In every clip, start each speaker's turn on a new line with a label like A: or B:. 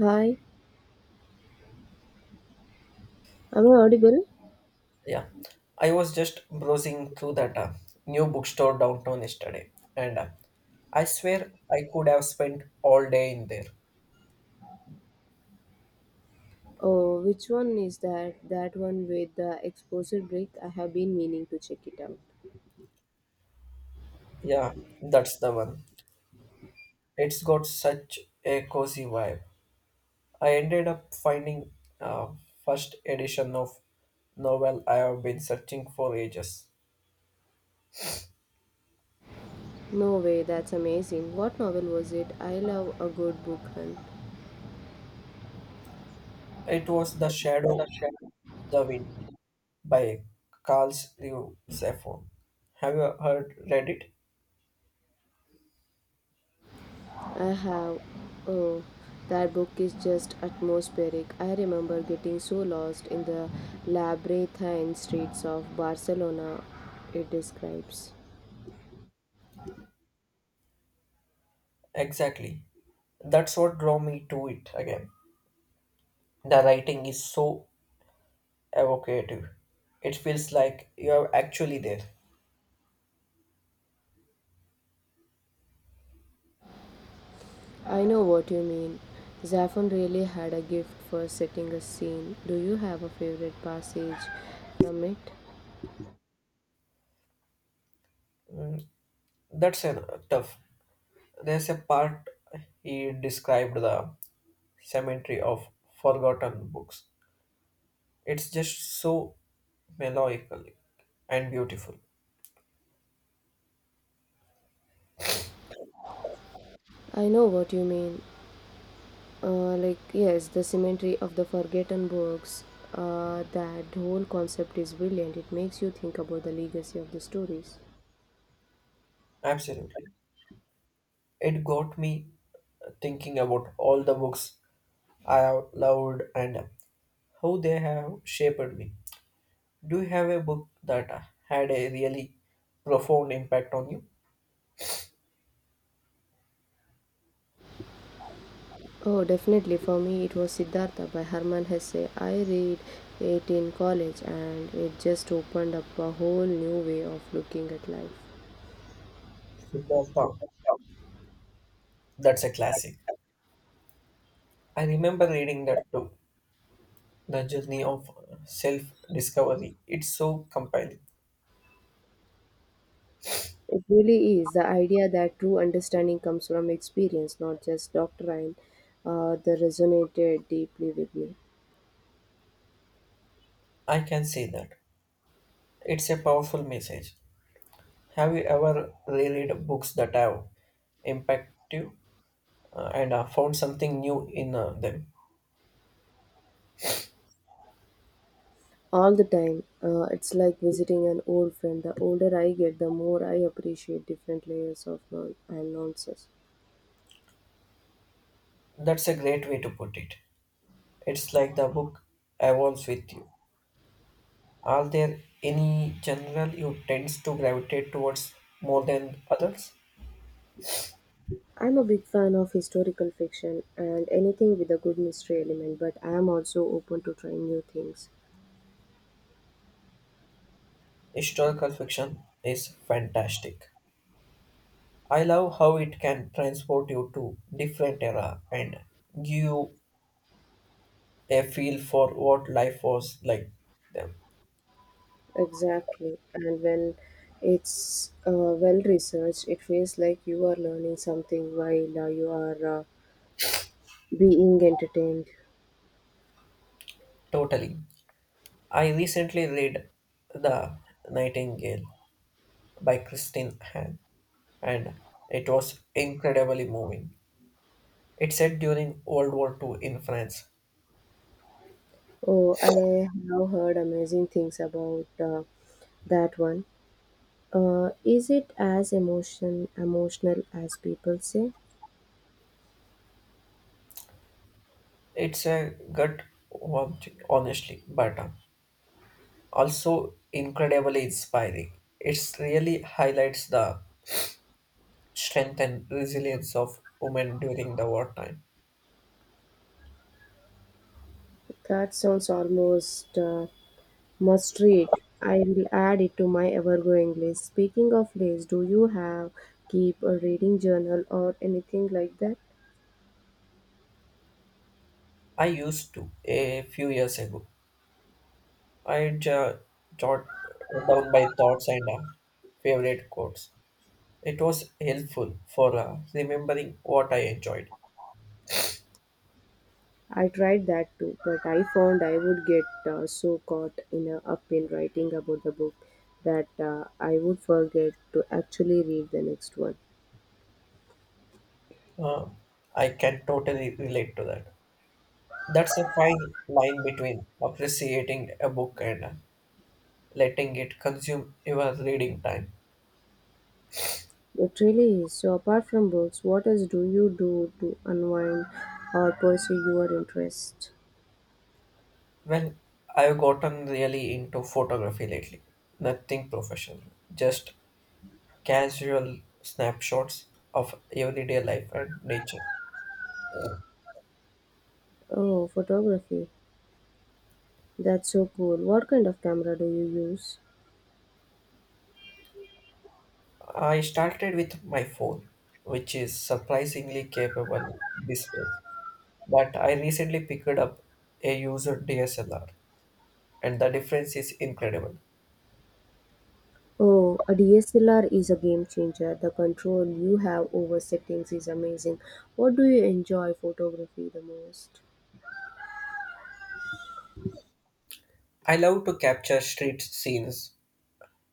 A: Hi, am I audible?
B: Yeah, I was just browsing through that new bookstore downtown yesterday, and I swear I could have spent all day in there.
A: Oh, which one is that? That one with the exposure brick? I have been meaning to check it out.
B: Yeah, that's the one. It's got such a cozy vibe. I ended up finding uh, first edition of novel I have been searching for ages.
A: No way, that's amazing. What novel was it? I love a good book hunt.
B: It was The Shadow, the Wind by Carl Liu Zephyr. Have you heard read it?
A: I have. Oh, that book is just atmospheric. I remember getting so lost in the labyrinthine streets of Barcelona, it describes.
B: Exactly. That's what drew me to it again. The writing is so evocative. It feels like you're actually there.
A: I know what you mean. Zaffron really had a gift for setting a scene. Do you have a favorite passage from it?
B: That's an, tough. There's a part he described the cemetery of forgotten books. It's just so melancholic and beautiful.
A: I know what you mean. Like, yes, the cemetery of the forgotten books. That whole concept is brilliant. It makes you think about the legacy of the stories.
B: Absolutely. It got me thinking about all the books I have loved and how they have shaped me. Do you have a book that had a really profound impact on you?
A: Oh, definitely. For me, it was Siddhartha by Herman Hesse. I read it in college and it just opened up a whole new way of looking at life.
B: Siddhartha. That's a classic. I remember reading that too. The journey of self discovery. It's so compelling.
A: It really is the idea that true understanding comes from experience, not just doctrine. That resonated deeply with me
B: I can say that. It's a powerful message. Have you ever reread books that have impacted you and found something new in them?
A: all the time. It's like visiting an old friend. The older I get, the more I appreciate different layers of non- and nonsense.
B: That's a great way to put it. It's like the book evolves with you. Are there any general you tend to gravitate towards more than others?
A: I'm a big fan of historical fiction and anything with a good mystery element, but I am also open to trying new things.
B: Historical fiction is fantastic. I love how it can transport you to different era and give you a feel for what life was like them.
A: Exactly. And when it's well researched, it feels like you are learning something while you are being entertained.
B: Totally. I recently read The Nightingale by Christine Hahn and it was incredibly moving. It's set during World War Two in France.
A: Oh, I have heard amazing things about that one. Is it as emotional as people say?
B: It's a gut wrenching, honestly, but also incredibly inspiring. It really highlights the strength and resilience of women during the wartime.
A: That sounds almost must read. I will add it to my ever-growing list. Speaking of lists, do you have keep a reading journal or anything like that?
B: I used to a few years ago. I jot down my thoughts and favorite quotes. It was helpful for remembering what I enjoyed.
A: I tried that too, but I found I would get so caught up in writing about the book that I would forget to actually read the next one.
B: Uh, I can totally relate to that. That's a fine line between appreciating a book and letting it consume your reading time.
A: It really is. So, apart from books, what else do you do to unwind or pursue your interest?
B: Well, I've gotten really into photography lately. Nothing professional, just casual snapshots of everyday life and nature.
A: Oh, photography. That's so cool. What kind of camera do you use?
B: I started with my phone, which is surprisingly capable display, but I recently picked up a user DSLR, and the difference is incredible.
A: Oh, a DSLR is a game changer. The control you have over settings is amazing. What do you enjoy photography the most?
B: I love to capture street scenes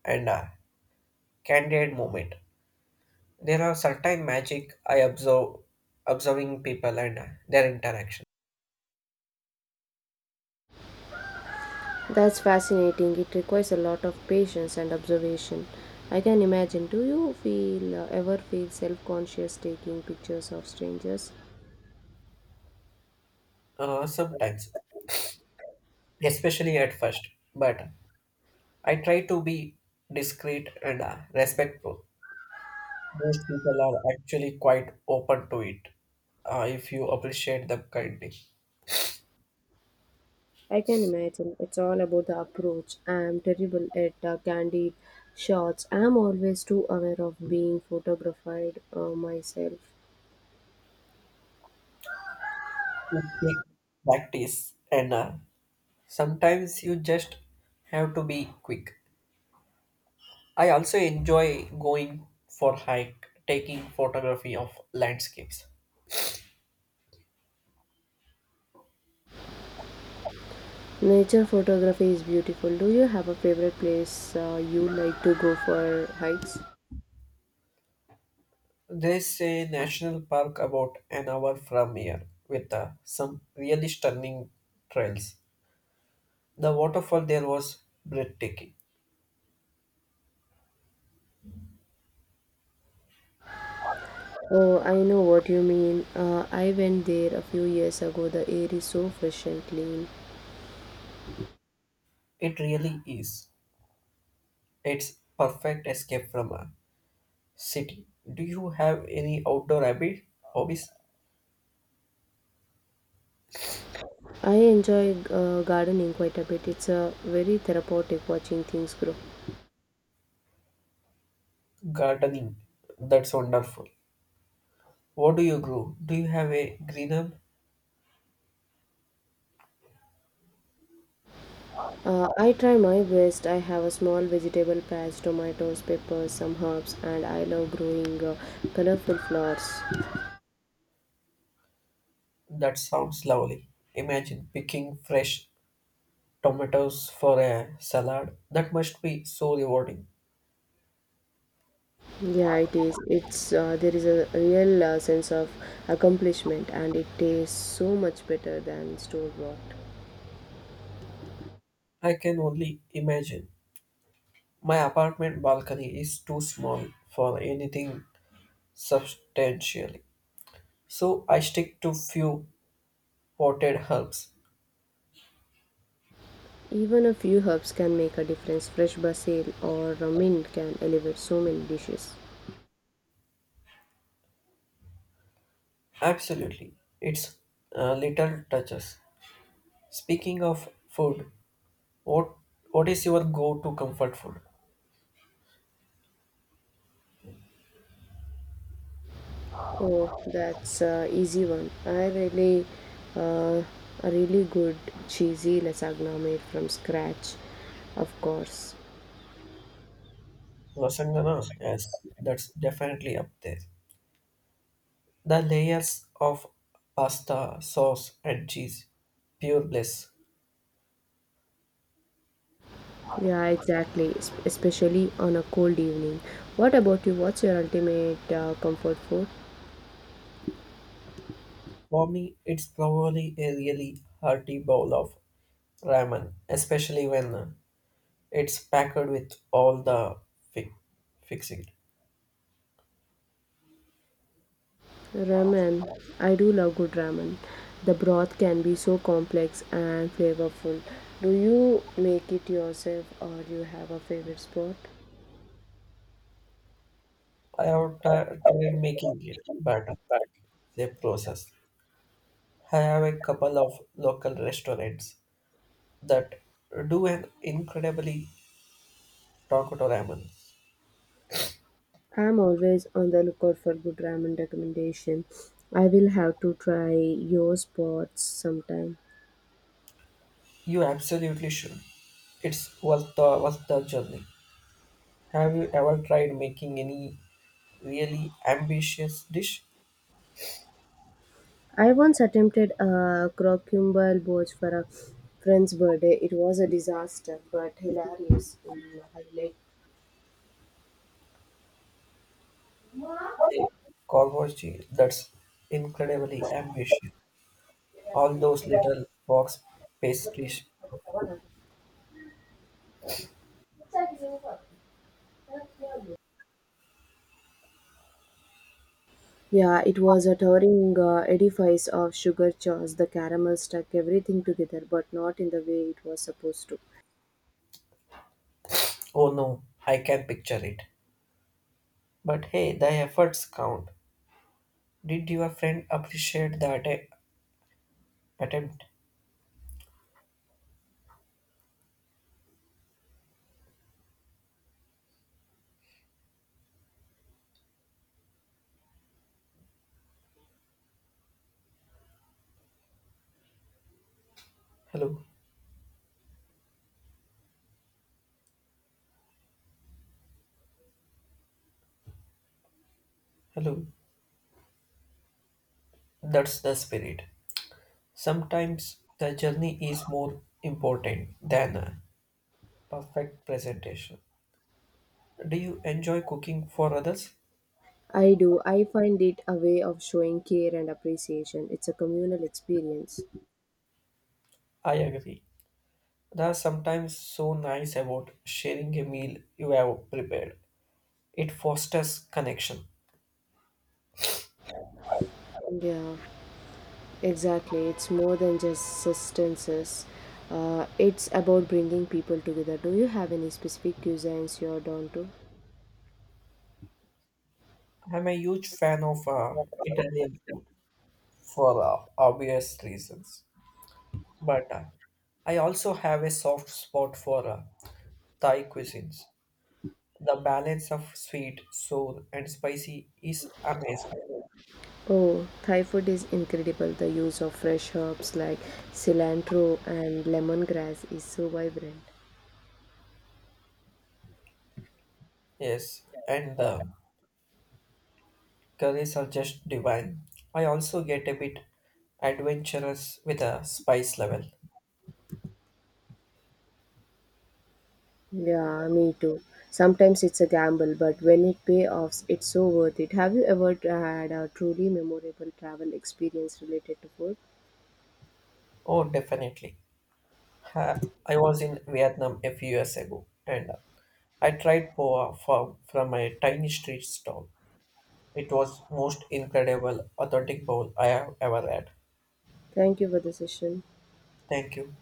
B: and a candid moment. There are certain magic I observe observing people and their interaction.
A: That's fascinating. It requires a lot of patience and observation. I can imagine. Do you feel ever feel self-conscious taking pictures of strangers?
B: Sometimes, especially at first, but I try to be discreet and respectful. Most people are actually quite open to it if you appreciate them kindly.
A: I can imagine. It's all about the approach. I'm terrible at candid shots. I'm always too aware of being photographed myself.
B: It takes practice, and sometimes you just have to be quick. I also enjoy going for hike, taking photography of landscapes.
A: Nature photography is beautiful. Do you have a favorite place you like to go for hikes?
B: There's a national park about an hour from here with some really stunning trails. The waterfall there was breathtaking.
A: Oh, I know what you mean. I went there a few years ago. The air is so fresh and clean.
B: It really is. It's perfect escape from a city. Do you have any outdoor habit? Hobbies?
A: I enjoy gardening quite a bit. It's very therapeutic watching things grow.
B: Gardening. That's wonderful. What do you grow? Do you have a green up?
A: I try my best. I have a small vegetable patch, tomatoes, peppers, some herbs, and I love growing colorful flowers.
B: That sounds lovely. Imagine picking fresh tomatoes for a salad. That must be so rewarding.
A: Yeah, it is. It's There is a real sense of accomplishment, and it tastes so much better than store bought.
B: I can only imagine. My apartment balcony is too small for anything substantially. So I stick to few potted herbs.
A: Even a few herbs can make a difference. Fresh basil or a mint can elevate so many dishes.
B: Absolutely. It's little touches. Speaking of food, what what is your go-to comfort food?
A: Oh, that's a easy one. Uh, a really good cheesy lasagna made from scratch, of course.
B: Lasagna, yes, that's definitely up there. The layers of pasta, sauce, and cheese, pure bliss.
A: Yeah, exactly. Especially on a cold evening. What about you? What's your ultimate comfort food?
B: For me, it's probably a really hearty bowl of ramen, especially when it's packed with all the fi- fixing.
A: Ramen. I do love good ramen. The broth can be so complex and flavorful. Do you make it yourself or you have a favorite spot?
B: I have tried making it, but it's a process. I have a couple of local restaurants that do an incredibly Tokoto ramen.
A: I'm always on the lookout for good ramen recommendation. I will have to try your spots sometime.
B: You absolutely should. It's worth the journey. Have you ever tried making any really ambitious dish?
A: I once attempted a crocumber boat for a friend's birthday. It was a disaster, but hilarious in highlight.
B: A Korvoji, that's incredibly ambitious. All those little box pastries.
A: Yeah, it was a towering edifice of sugar chores. The caramel stuck everything together, but not in the way it was supposed to.
B: Oh no, I can picture it. But hey, the efforts count. Did your friend appreciate that attempt? Hello. Hello, that's the spirit. Sometimes the journey is more important than a perfect presentation. Do you enjoy cooking for others?
A: I do. I find it a way of showing care and appreciation. It's a communal experience.
B: I agree. That's sometimes so nice about sharing a meal you have prepared. It fosters connection.
A: Yeah, exactly. It's more than just sustenances. It's about bringing people together. Do you have any specific cuisines you're down to?
B: I'm a huge fan of Italian food for obvious reasons, but I also have a soft spot for Thai cuisines. The balance of sweet, sour, and spicy is amazing.
A: Oh, Thai food is incredible. The use of fresh herbs like cilantro and lemongrass is so vibrant.
B: Yes, and the curries are just divine. I also get a bit adventurous with a spice level.
A: Yeah, me too. Sometimes it's a gamble, but when it pays off, it's so worth it. Have you ever had a truly memorable travel experience related to food?
B: Oh, definitely. Ha- I was in Vietnam a few years ago and I tried poa from a tiny street stall. It was most incredible authentic bowl I have ever had.
A: Thank you for the session.
B: Thank you.